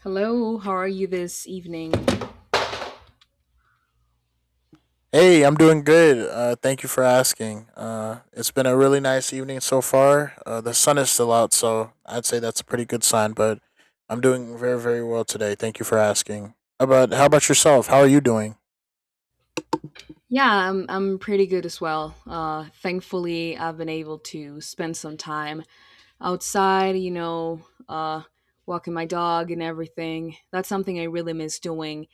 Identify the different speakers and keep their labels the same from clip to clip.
Speaker 1: Hello, how are you this evening?
Speaker 2: Hey, I'm doing good. Thank you for asking. It's been a really nice evening so far. The sun is still out, so I'd say that's a pretty good sign. But I'm doing very, very well today. Thank you for asking. How about yourself? How are you doing?
Speaker 1: Yeah, I'm pretty good as well. Thankfully, I've been able to spend some time outside, you know, uh, walking my dog and everything. That's something I really miss doing.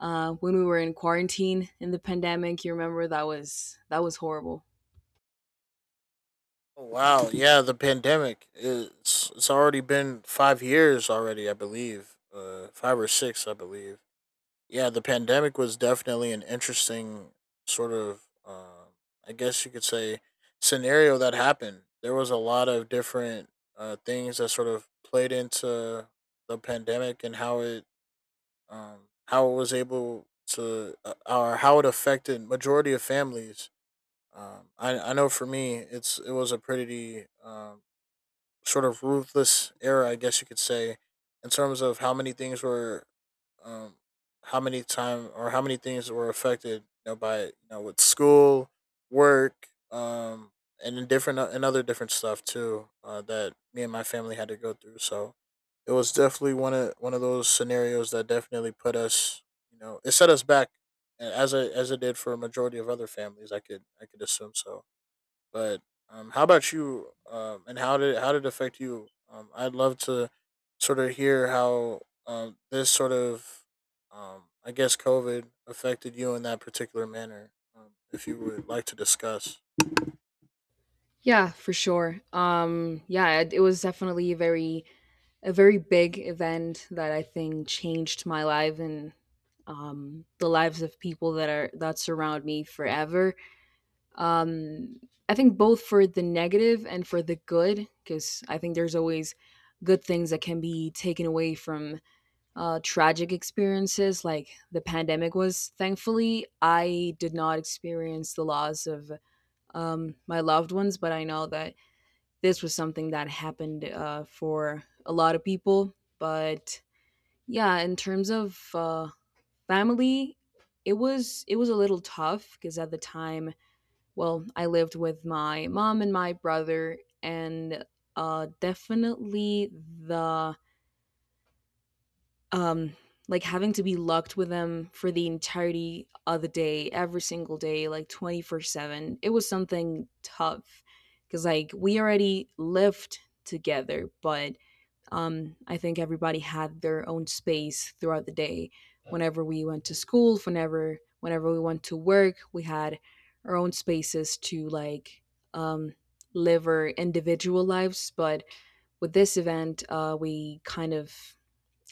Speaker 1: When we were in quarantine in the pandemic, you remember that was horrible.
Speaker 2: Oh, wow, yeah, the pandemic. It's already been 5 years already, I believe. Five or six, I believe. Yeah, the pandemic was definitely an interesting sort of, I guess you could say, scenario that happened. There was a lot of different things that sort of played into the pandemic and how it was able to or how it affected majority of families. I know for me, it was a pretty sort of ruthless era, I guess you could say, in terms of how many things were, um, how many things were affected, you know, by it, with school, work, and in different and other different stuff too that me and my family had to go through. So it was definitely one of those scenarios that definitely put us, you know, it set us back as it did for a majority of other families. I could assume so. But how about you? And how did it affect you? I'd love to sort of hear how this sort of I guess COVID affected you in that particular manner. If you would like to discuss,
Speaker 1: Yeah, for sure. Yeah, it was definitely a very big event that I think changed my life and the lives of people that surround me forever. Um, I think both for the negative and for the good, because I think there's always good things that can be taken away from tragic experiences, like the pandemic was. Thankfully, I did not experience the loss of my loved ones, but I know that this was something that happened for a lot of people. But yeah, in terms of family, it was a little tough because at the time, well, I lived with my mom and my brother, and definitely the um like having to be locked with them for the entirety of the day, every single day, like 24/7, it was something tough because, like, we already lived together, but I think everybody had their own space throughout the day. Whenever we went to school, whenever we went to work, we had our own spaces to, like, um, live our individual lives. But with this event, we kind of,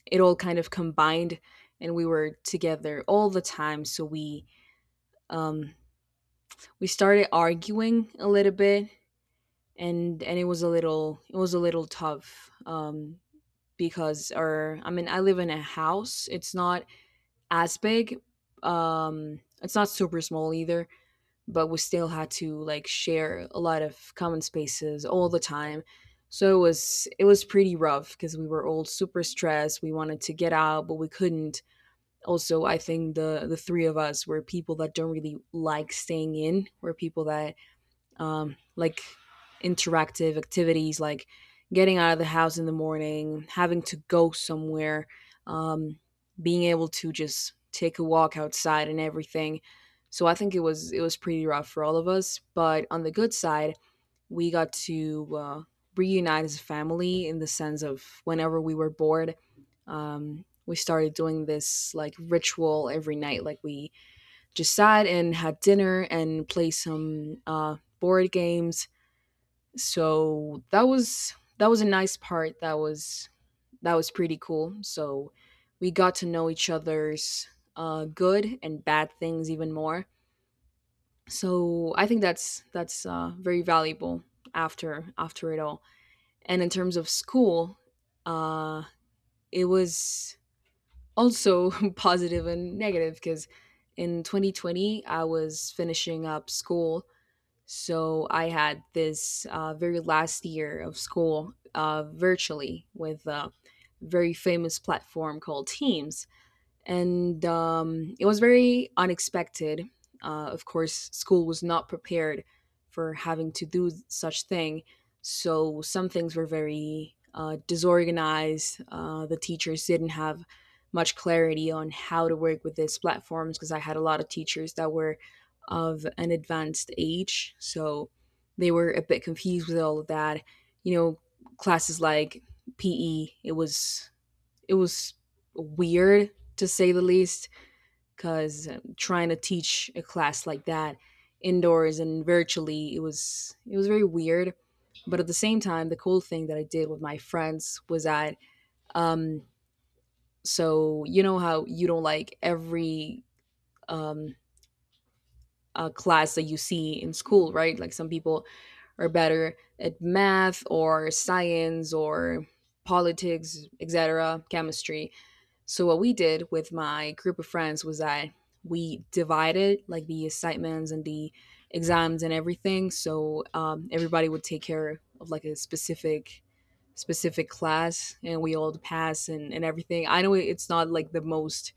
Speaker 1: it all kind of combined, and we were together all the time. So we, um, we started arguing a little bit, and and it was a little tough. Because, or I mean, I live in a house. It's not as big. It's not super small either, but we still had to, like, share a lot of common spaces all the time. So it was pretty rough because we were all super stressed. We wanted to get out, but we couldn't. Also, I think the three of us were people that don't really like staying in. We're people that, like, interactive activities, like getting out of the house in the morning, having to go somewhere, um, being able to just take a walk outside and everything. So I think it was pretty rough for all of us, but on the good side, we got to reunite as a family in the sense of whenever we were bored, we started doing this like ritual every night. Like, we just sat and had dinner and played some board games. So that was a nice part. That was pretty cool. So we got to know each other's good and bad things even more. So I think that's very valuable after it all. And in terms of school, uh, it was also positive and negative because in 2020 I was finishing up school. So I had this very last year of school virtually with a very famous platform called Teams, and it was very unexpected. Of course, school was not prepared for having to do such thing, so some things were very disorganized. The teachers didn't have much clarity on how to work with these platforms because I had a lot of teachers that were of an advanced age, so they were a bit confused with all of that. You know, classes like PE, it was weird, to say the least, because trying to teach a class like that indoors and virtually, it was very weird. But at the same time, the cool thing that I did with my friends was that, um so, you know how you don't like every, um class that you see in school, right? Like, some people are better at math or science or politics, etc., chemistry. So what we did with my group of friends was that we divided, like, the assignments and the exams and everything. So, everybody would take care of, like, a specific class, and we all pass, and everything. I know it's not, like, the most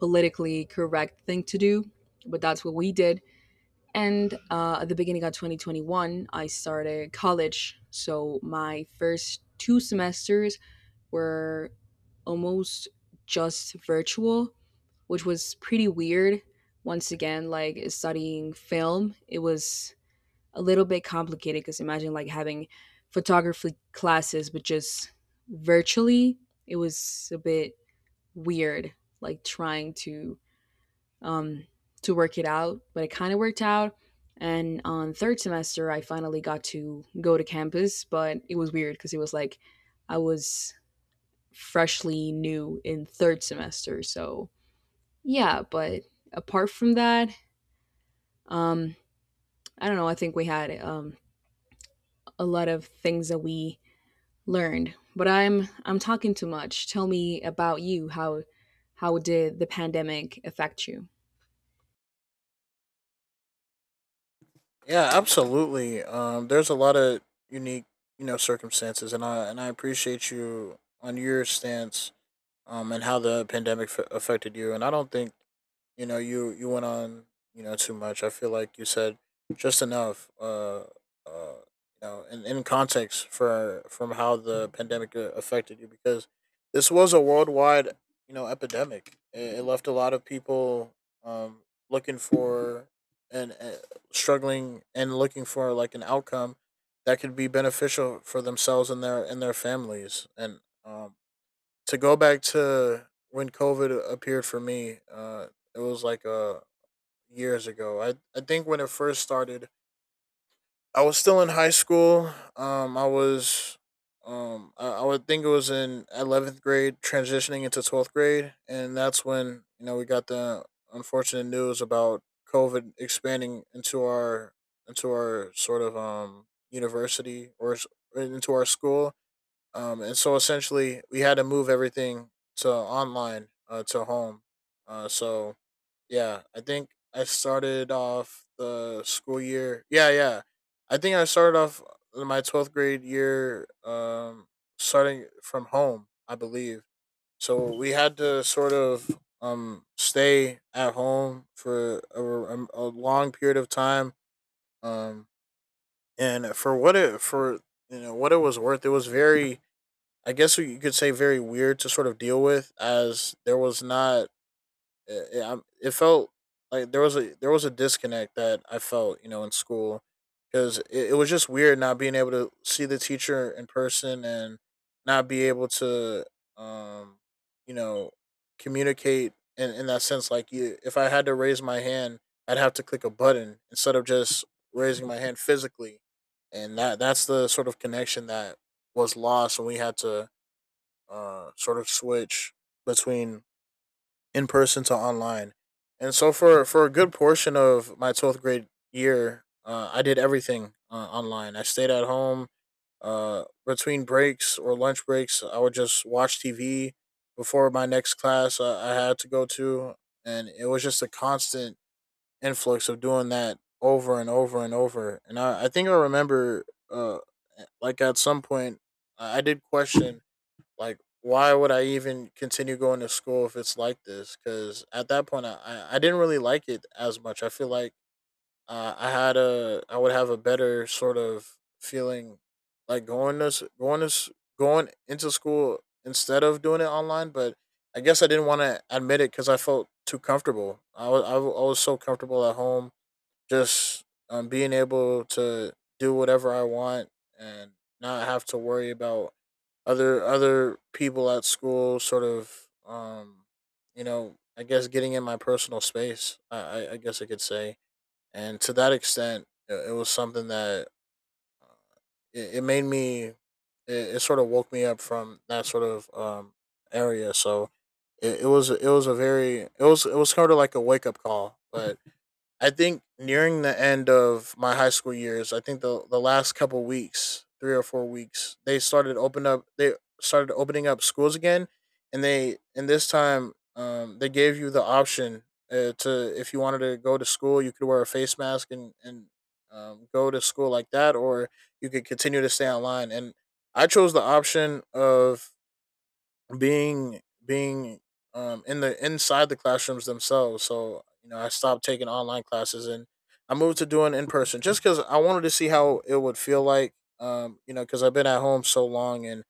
Speaker 1: politically correct thing to do, but that's what we did. And at the beginning of 2021, I started college. So my first two semesters were almost just virtual, which was pretty weird. Once again, like, studying film, it was a little bit complicated because imagine, like, having photography classes, but just virtually, it was a bit weird, like, trying to, um, to work it out, but it kind of worked out. And on third semester, I finally got to go to campus, but it was weird because it was like I was freshly new in third semester. So yeah, but apart from that, um, I don't know. I think we had, a lot of things that we learned, but I'm talking too much. Tell me about you. How did the pandemic affect you?
Speaker 2: yeah, absolutely. There's a lot of unique circumstances, and I appreciate you on your stance, and how the pandemic affected you. And I don't think, you know, you went on, you know, too much. I feel like you said just enough. Uh you know, in context for from how the pandemic affected you, because this was a worldwide, you know, epidemic. It left a lot of people um looking for, and struggling and looking for like an outcome that could be beneficial for themselves and their families. And To go back to when COVID appeared for me, it was like years ago. I think when it first started, I was still in high school. I was, I would think it was in 11th grade, transitioning into twelfth grade, and that's when, you know, we got the unfortunate news about COVID expanding into our into our sort of um university or s- into our school. And so essentially, we had to move everything to online, to home. So yeah, I think I started off the school year. Yeah, I think I started off my twelfth grade year, starting from home, I believe. So we had to sort of stay at home for a long period of time. Um, and for what it for you know what it was worth, it was very, I guess you could say, very weird to sort of deal with, as there was not. It felt like there was a disconnect that I felt, you know, in school, because it was just weird not being able to see the teacher in person and not be able to, um, you know, communicate in that sense. Like, if I had to raise my hand, I'd have to click a button instead of just raising my hand physically, and that's the sort of connection that was lost when we had to sort of switch between in person to online. And so for a good portion of my twelfth grade year, I did everything online. I stayed at home. Between breaks or lunch breaks, I would just watch TV before my next class I had to go to, and it was just a constant influx of doing that over and over and over. And I think I remember, uh, like at some point, I did question, like, why would I even continue going to school if it's like this? Because at that point, I didn't really like it as much. I feel like I would have a better sort of feeling like going into school instead of doing it online. But I guess I didn't want to admit it because I felt too comfortable. I was so comfortable at home, just being able to do whatever I want and not have to worry about other people at school sort of you know, I guess, getting in my personal space, I guess I could say. And to that extent, it was something that uh, it made me. It sort of woke me up from that sort of area. So it was it was sort of like a wake up call. But I think nearing the end of my high school years, I think the last couple weeks, 3 or 4 weeks, they started open up. They started opening up schools again, and they and this time they gave you the option to, if you wanted to go to school, you could wear a face mask and go to school like that, or you could continue to stay online. And I chose the option of being in the inside the classrooms themselves. So you know, I stopped taking online classes and I moved to doing in person just because I wanted to see how it would feel like. You know, because I've been at home so long and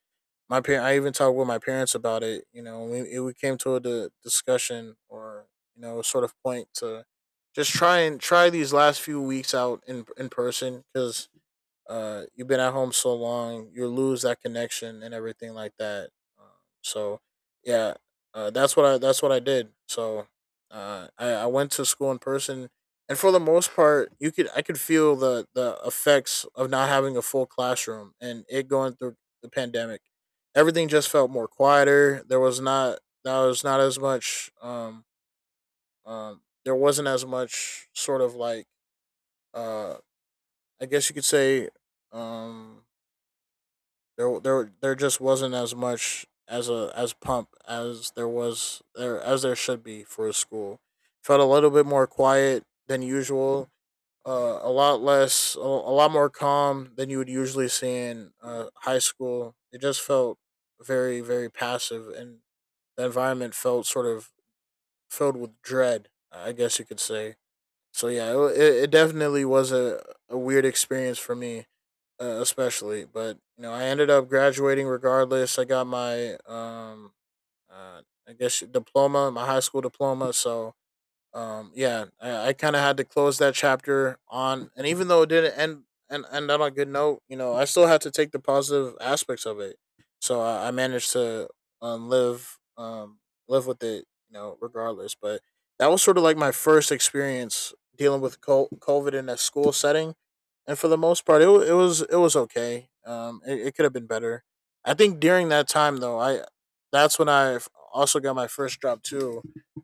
Speaker 2: my parent. I even talked with my parents about it. You know, we came to a discussion or, you know, sort of point to just try these last few weeks out in person because, you've been at home so long, you lose that connection and everything like that. Um, so, yeah, that's what I that's what I did. So, I went to school in person, and for the most part, you could I could feel the effects of not having a full classroom and it going through the pandemic. Everything just felt more quieter. There was not That was not as much. There wasn't as much sort of like, uh, I guess you could say, um there just wasn't as much as a as pump as there was there as there should be for a school. Felt a little bit more quiet than usual. A lot more calm than you would usually see in high school. It just felt very, very passive, and the environment felt sort of filled with dread, I guess you could say. So yeah, it definitely was a weird experience for me, especially. But you know, I ended up graduating regardless. I got my uh, I guess diploma, my high school diploma. So I kind of had to close that chapter on, and even though it didn't end and end on a good note, you know, I still had to take the positive aspects of it. So I managed to um, live um live with it, you know, regardless. But that was sort of like my first experience dealing with covid in a school setting, and for the most part, it was okay. It it could have been better. I think During that time though, I that's when I also got my first job too.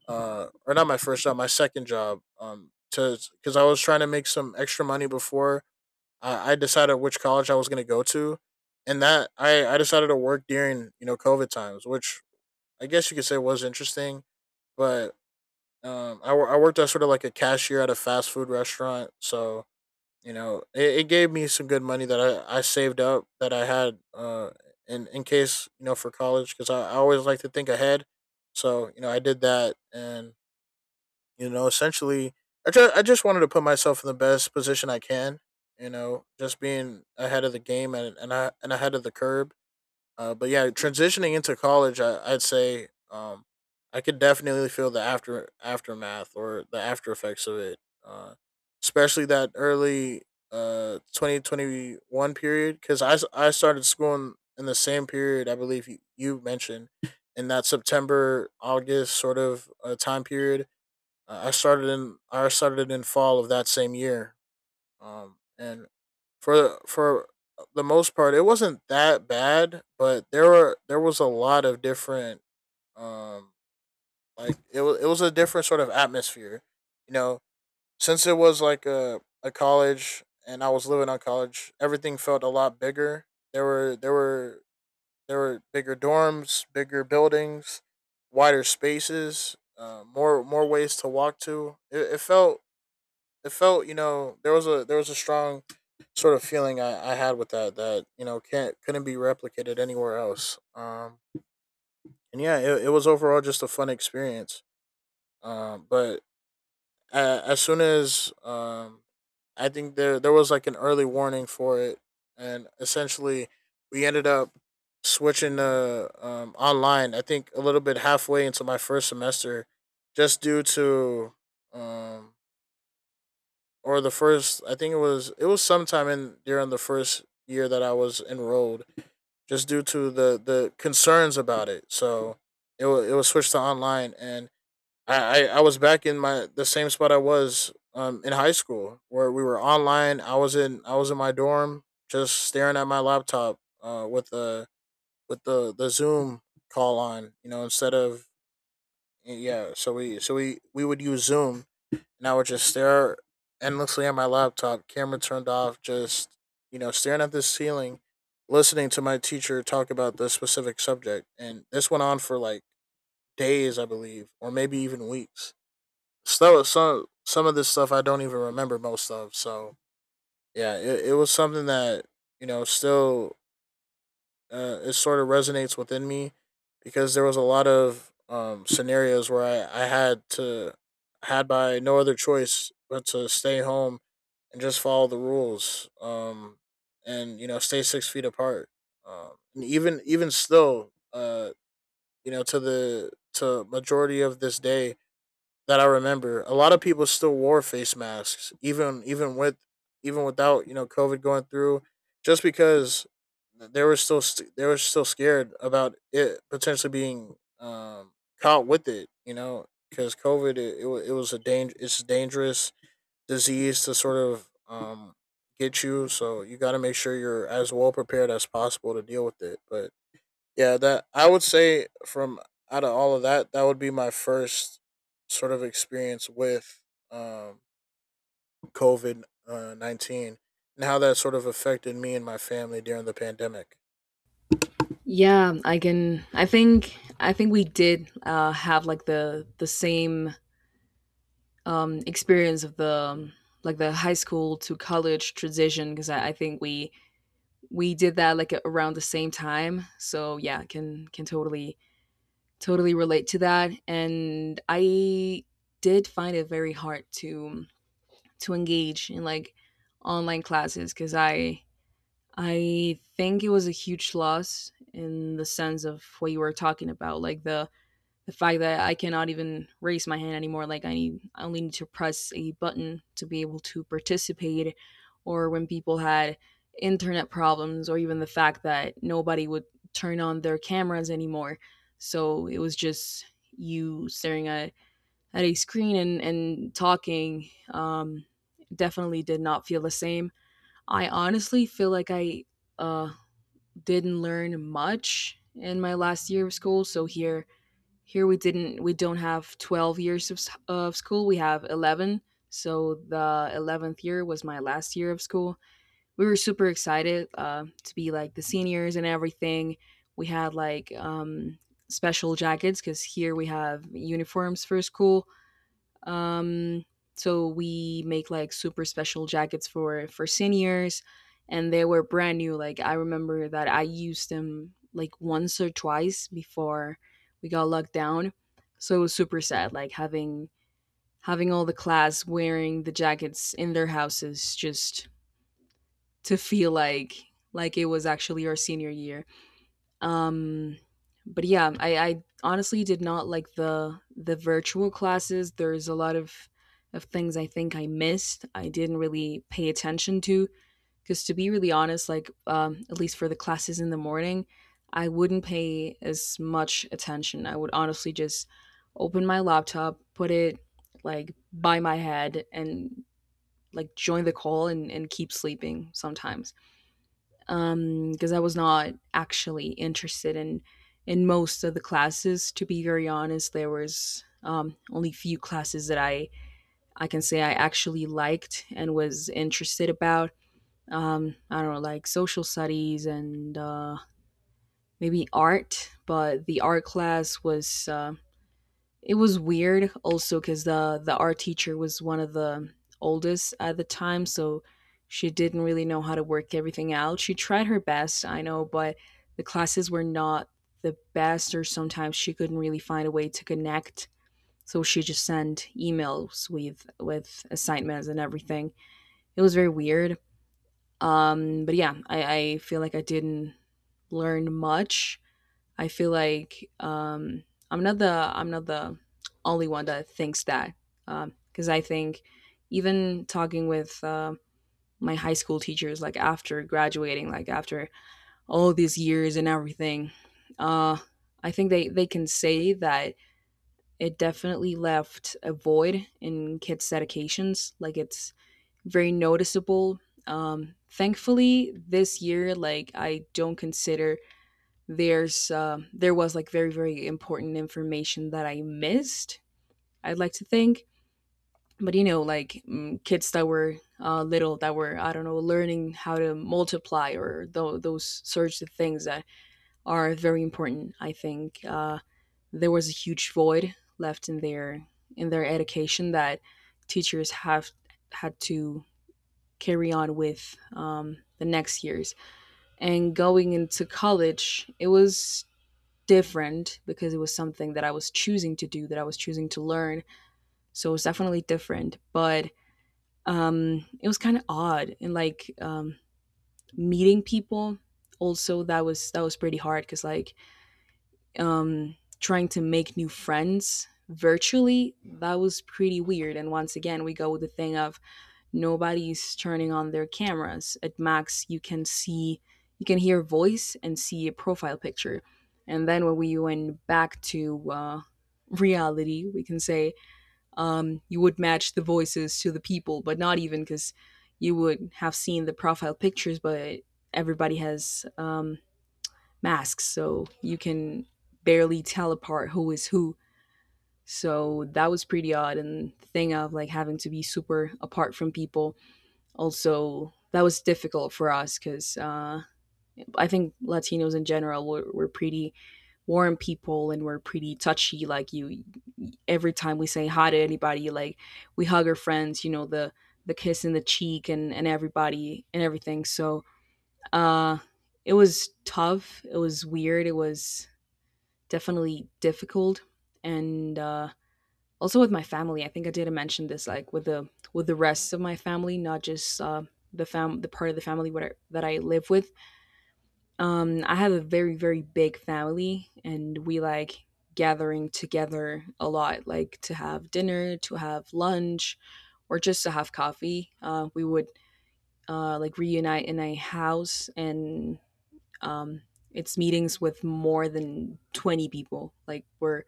Speaker 2: Or not my first job, my second job. To Because I was trying to make some extra money before I decided which college I was going to go to, and that I decided to work during, you know, COVID times, which I guess you could say was interesting. But I worked as sort of like a cashier at a fast food restaurant, so you know it gave me some good money that I saved up that I had in case, you know, for college because I always like to think ahead. So I did that, and essentially I just wanted to put myself in the best position I can, just being ahead of the game and ahead of the curb. But yeah, transitioning into college, I'd say I could definitely feel the aftermath or the after effects of it, uh especially that early 2021 period, because I started school in the same period I believe you mentioned, in that September, August sort of time period. I started it in fall of that same year. And for the most part, it wasn't that bad, but there was a lot of different um like it was a different sort of atmosphere, you know. Since it was like a college and I was living on college, everything felt a lot bigger. There were there were there were bigger dorms, bigger buildings, wider spaces, more ways to walk to. It felt, it felt, you know, there was a, there was a strong sort of feeling I had with that, you know, can't couldn't be replicated anywhere else. And yeah, it was overall just a fun experience. But a as soon as I think there was like an early warning for it, and essentially we ended up switching to online. I think a little bit halfway into my first semester, just due to um, or the first, I think it was sometime in during the first year that I was enrolled, just due to the concerns about it. So it was switched to online, and I was back in my the same spot I was in high school where we were online. I was in my dorm just staring at my laptop with the, with the Zoom call on, you know, instead of, yeah, so we, so we would use Zoom, and I would just stare endlessly at my laptop, camera turned off, just, you know, staring at this ceiling, listening to my teacher talk about this specific subject. And this went on for like days, I believe, or maybe even weeks. So some of this stuff I don't even remember most of. So yeah, it was something that, you know, still it sort of resonates within me, because there was a lot of scenarios where I had to, had by no other choice but to stay home and just follow the rules, and you know, stay 6 feet apart, and even still, you know, to the, to majority of this day that I remember, a lot of people still wore face masks, even with, even without, you know, COVID going through, just because they were still they were still scared about it potentially being, caught with it, you know, because COVID, it was a danger, it's a dangerous disease to sort of, get you, so you got to make sure you're as well prepared as possible to deal with it. But yeah, that I would say from out of all of that, that would be my first sort of experience with um, COVID 19 and how that sort of affected me and my family during the pandemic.
Speaker 1: Yeah, I can. I think we did have, like, the same experience of the like the high school to college transition, because I think we did that, like, around the same time. So yeah, can, can totally relate to that. And I did find it very hard to engage in, like, online classes because I think it was a huge loss in the sense of what you were talking about, like the fact that I cannot even raise my hand anymore. Like, I need, I only need to press a button to be able to participate, or when people had internet problems, or even the fact that nobody would turn on their cameras anymore. So it was just you staring at a screen and talking. Definitely did not feel the same. I honestly feel like I uh, didn't learn much in my last year of school. So here, here we don't have 12 years of school. We have 11. So the 11th year was my last year of school. We were super excited to be, like, the seniors and everything. We had like, special jackets because here we have uniforms for school. Um, so we make, like, super special jackets for seniors, and they were brand new. Like, I remember that I used them, like, once or twice before we got locked down. So it was super sad, like, having all the class wearing the jackets in their houses just to feel like it was actually our senior year. Um, but yeah, I honestly did not like the virtual classes. There's a lot of things I think I missed. I didn't really pay attention to because, to be really honest, like, at least for the classes in the morning, I wouldn't pay as much attention. I would honestly just open my laptop, put it like by my head, and, like, join the call and keep sleeping sometimes. Because I was not actually interested in most of the classes. To be very honest, there was, only few classes that I can say I actually liked and was interested about. I don't know, like social studies and, maybe art, but the art class was, it was weird also because the art teacher was one of the oldest at the time, so she didn't really know how to work everything out. She tried her best, I know, but the classes were not the best, or sometimes she couldn't really find a way to connect, so she just sent emails with assignments and everything. It was very weird. But yeah, i feel like I didn't learn much. I feel like, I'm not the I'm not the only one that thinks that, because, I think even talking with, my high school teachers, like after graduating, like after all these years and everything, uh, I think they can say that it definitely left a void in kids' educations. Like, it's very noticeable. Thankfully, this year, like I don't consider there's there was, like, very very important information that I missed, I'd like to think, but you know, like, kids that were little, that were, I don't know, learning how to multiply or those sorts of things that are very important. I think there was a huge void left in their, in their education that teachers have had to carry on with, the next years. And going into college, it was different because it was something that I was choosing to do, that I was choosing to learn. So it was definitely different, but, it was kind of odd, and, like, meeting people. Also, that was pretty hard because um, trying to make new friends virtually, that was pretty weird. And once again, we go with the thing of nobody's turning on their cameras. At max, you can see, you can hear voice and see a profile picture. And then when we went back to reality, we can say, you would match the voices to the people, but not even because you would have seen the profile pictures, but everybody has masks, so you can barely tell apart who is who. So that was pretty odd. And the thing of like having to be super apart from people, also that was difficult for us because I think Latinos in general, we're pretty warm people and we're pretty touchy. Like you, every time we say hi to anybody, like we hug our friends, you know the kiss in the cheek and everybody and everything. So uh, it was tough. It was weird. It was definitely difficult, and also with my family, I think I did mention this, like with the rest of my family, not just the fam the part of the family that I live with. I have a very very big family and we like gathering together a lot, like to have dinner, to have lunch, or just to have coffee. We would like reunite in a house, and um, it's meetings with more than 20 people. Like we're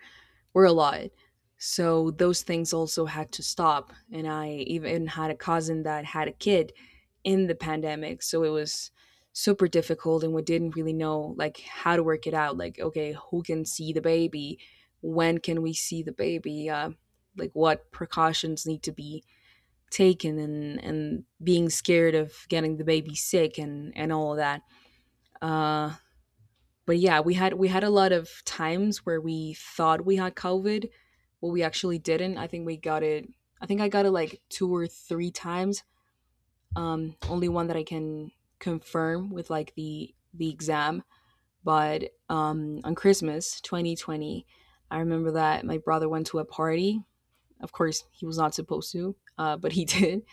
Speaker 1: were a lot. So those things also had to stop. And I even had a cousin that had a kid in the pandemic. So it was super difficult and we didn't really know like how to work it out. Like, okay, who can see the baby? When can we see the baby? Like what precautions need to be taken, and being scared of getting the baby sick and all of that. Uh but yeah, we had a lot of times where we thought we had COVID, but we actually didn't. I think we got it. I think I got it like two or three times. Only one that I can confirm with like the exam. But on Christmas 2020, I remember that my brother went to a party. Of course, he was not supposed to, but he did.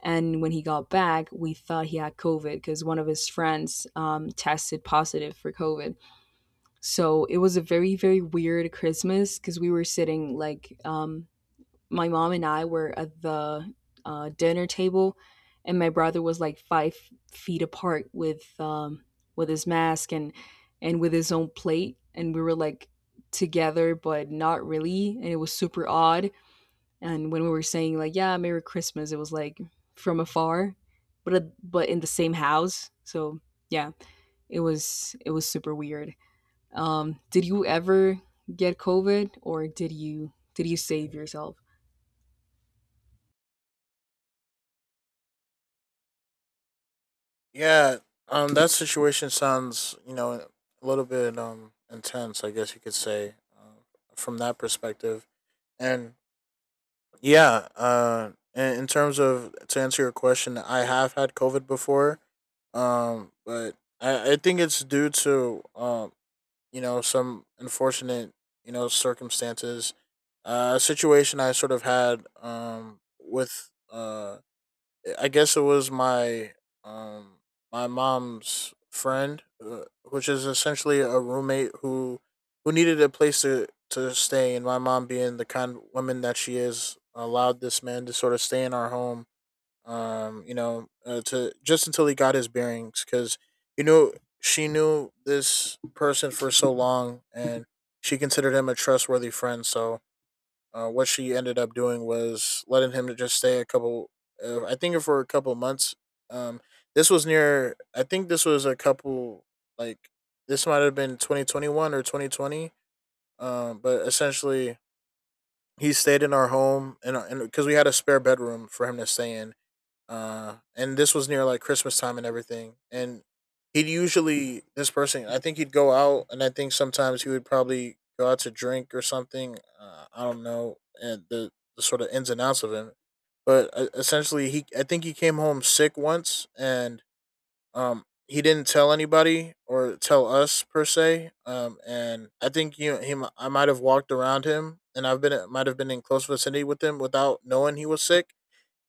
Speaker 1: And when he got back, we thought he had COVID because one of his friends tested positive for COVID. So it was a very, very weird Christmas because we were sitting like, my mom and I were at the dinner table, and my brother was like 5 feet apart with his mask and with his own plate, and we were like together but not really, and it was super odd. And when we were saying like, yeah, Merry Christmas, it was like from afar, but in the same house. So yeah, it was super weird. Did you ever get COVID, or did you save yourself?
Speaker 2: Yeah, that situation sounds, you know, a little bit intense, I guess you could say, from that perspective. And yeah. In terms of, to answer your question, I have had COVID before, but I think it's due to, you know, some unfortunate, you know, circumstances, a situation I sort of had with I guess it was my um my mom's friend, which is essentially a roommate who needed a place to stay, and my mom, being the kind of woman that she is, allowed this man to sort of stay in our home. You know, to just until he got his bearings, because you know, she knew this person for so long, and she considered him a trustworthy friend. So what she ended up doing was letting him to just stay a couple. I think for a couple months. Um, this was near. I think this was a couple, like, this might have been 2021 or 2020. But essentially he stayed in our home, and because we had a spare bedroom for him to stay in, and this was near like Christmas time and everything. And he'd usually, this person, I think he'd go out, and I think sometimes he would probably go out to drink or something. I don't know, and the sort of ins and outs of him. But essentially, he I think he came home sick once, and he didn't tell anybody or tell us per se. And I think, you know, him, I might have walked around him, and I've been might have been in close vicinity with him without knowing he was sick.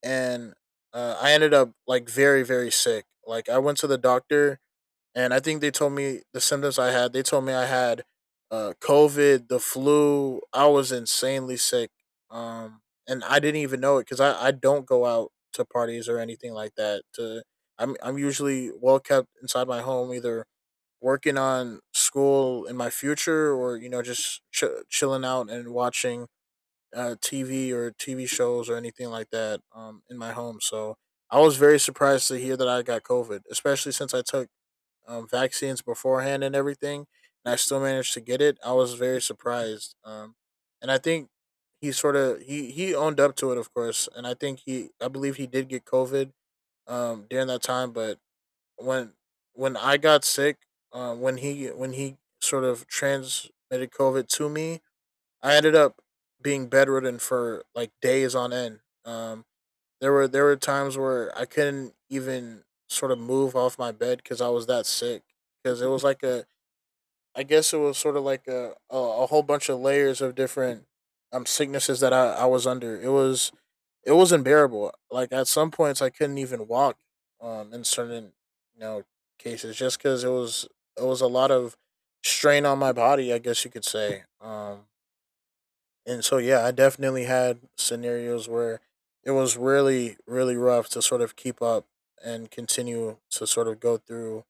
Speaker 2: And I ended up, like, very very sick. Like, I went to the doctor, and I think they told me the symptoms I had. They told me I had COVID, the flu. I was insanely sick, um, and I didn't even know it, because I don't go out to parties or anything like that. To I'm usually well kept inside my home, either working on school in my future, or you know, just chilling out and watching TV or TV shows or anything like that, in my home. So I was very surprised to hear that I got COVID, especially since I took vaccines beforehand and everything, and I still managed to get it. I was very surprised. Um, and I think he sort of, he owned up to it, of course, and I think he I believe he did get COVID during that time. But when when I got sick, when he, when he sort of transmitted COVID to me, I ended up being bedridden for like days on end. There were times where I couldn't even sort of move off my bed, because I was that sick. Because it was like a, I guess it was sort of like a, a whole bunch of layers of different sicknesses that I was under. It was unbearable. Like, at some points I couldn't even walk. In certain, you know, cases, just because it was, it was a lot of strain on my body, I guess you could say. And so, yeah, I definitely had scenarios where it was really, really rough to sort of keep up and continue to sort of go through,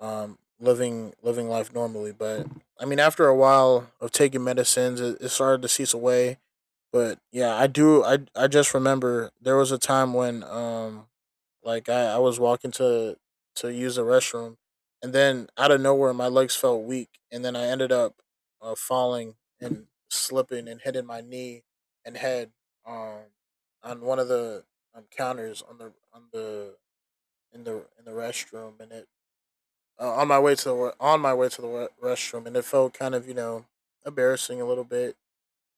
Speaker 2: living, living life normally. But I mean, after a while of taking medicines, it started to cease away. But yeah, I do. I just remember there was a time when like, I was walking to use the restroom, and then out of nowhere my legs felt weak, and then I ended up falling and slipping and hitting my knee and head um on one of the counters on the, in the, in the restroom, and it on my way to the, on my way to the restroom, and it felt kind of, you know, embarrassing a little bit,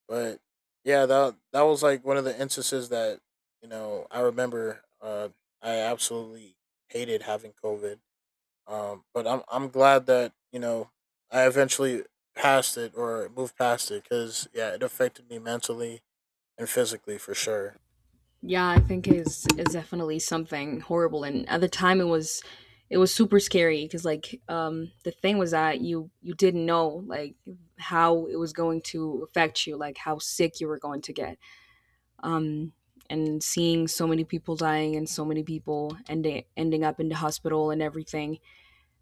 Speaker 2: but yeah, that that was like one of the instances that, you know, I remember. I absolutely hated having COVID. But I'm glad that, you know, I eventually passed it or moved past it, because yeah, it affected me mentally and physically for sure.
Speaker 1: Yeah, I think is definitely something horrible. And at the time, it was super scary because the thing was that you didn't know like how it was going to affect you, like how sick you were going to get. Um, and seeing so many people dying and so many people ending up in the hospital and everything.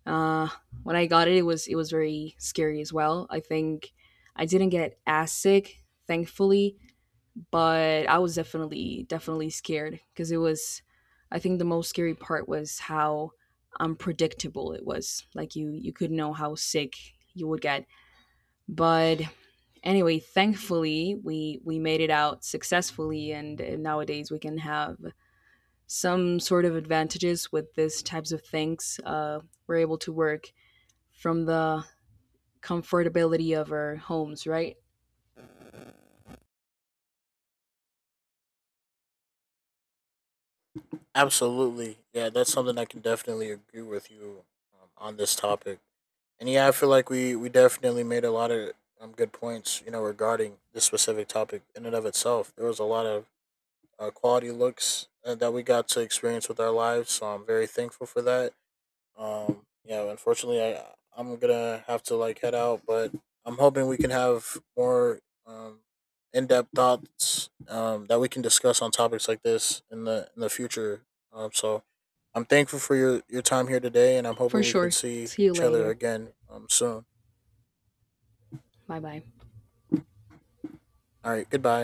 Speaker 1: Uh, when I got it, it was very scary as well. I think I didn't get as sick, thankfully, but I was definitely definitely scared because it was. I think the most scary part was how unpredictable it was. Like you could know how sick you would get, but anyway, thankfully we made it out successfully, and nowadays we can have some sort of advantages with these types of things. We're able to work from the comfortability of our homes, right?
Speaker 2: Absolutely, yeah, that's something I can definitely agree with you on this topic. And yeah, I feel like we definitely made a lot of good points, you know, regarding this specific topic in and of itself. There was a lot of quality looks that we got to experience with our lives. So I'm very thankful for that. Yeah, unfortunately, I'm gonna have to like head out, but I'm hoping we can have more um, in depth thoughts that we can discuss on topics like this in the, in the future. So I'm thankful for your time here today, and I'm
Speaker 1: For
Speaker 2: hoping we can
Speaker 1: sure.
Speaker 2: see
Speaker 1: See you
Speaker 2: each other
Speaker 1: later.
Speaker 2: again soon.
Speaker 1: Bye bye.
Speaker 2: All right, goodbye.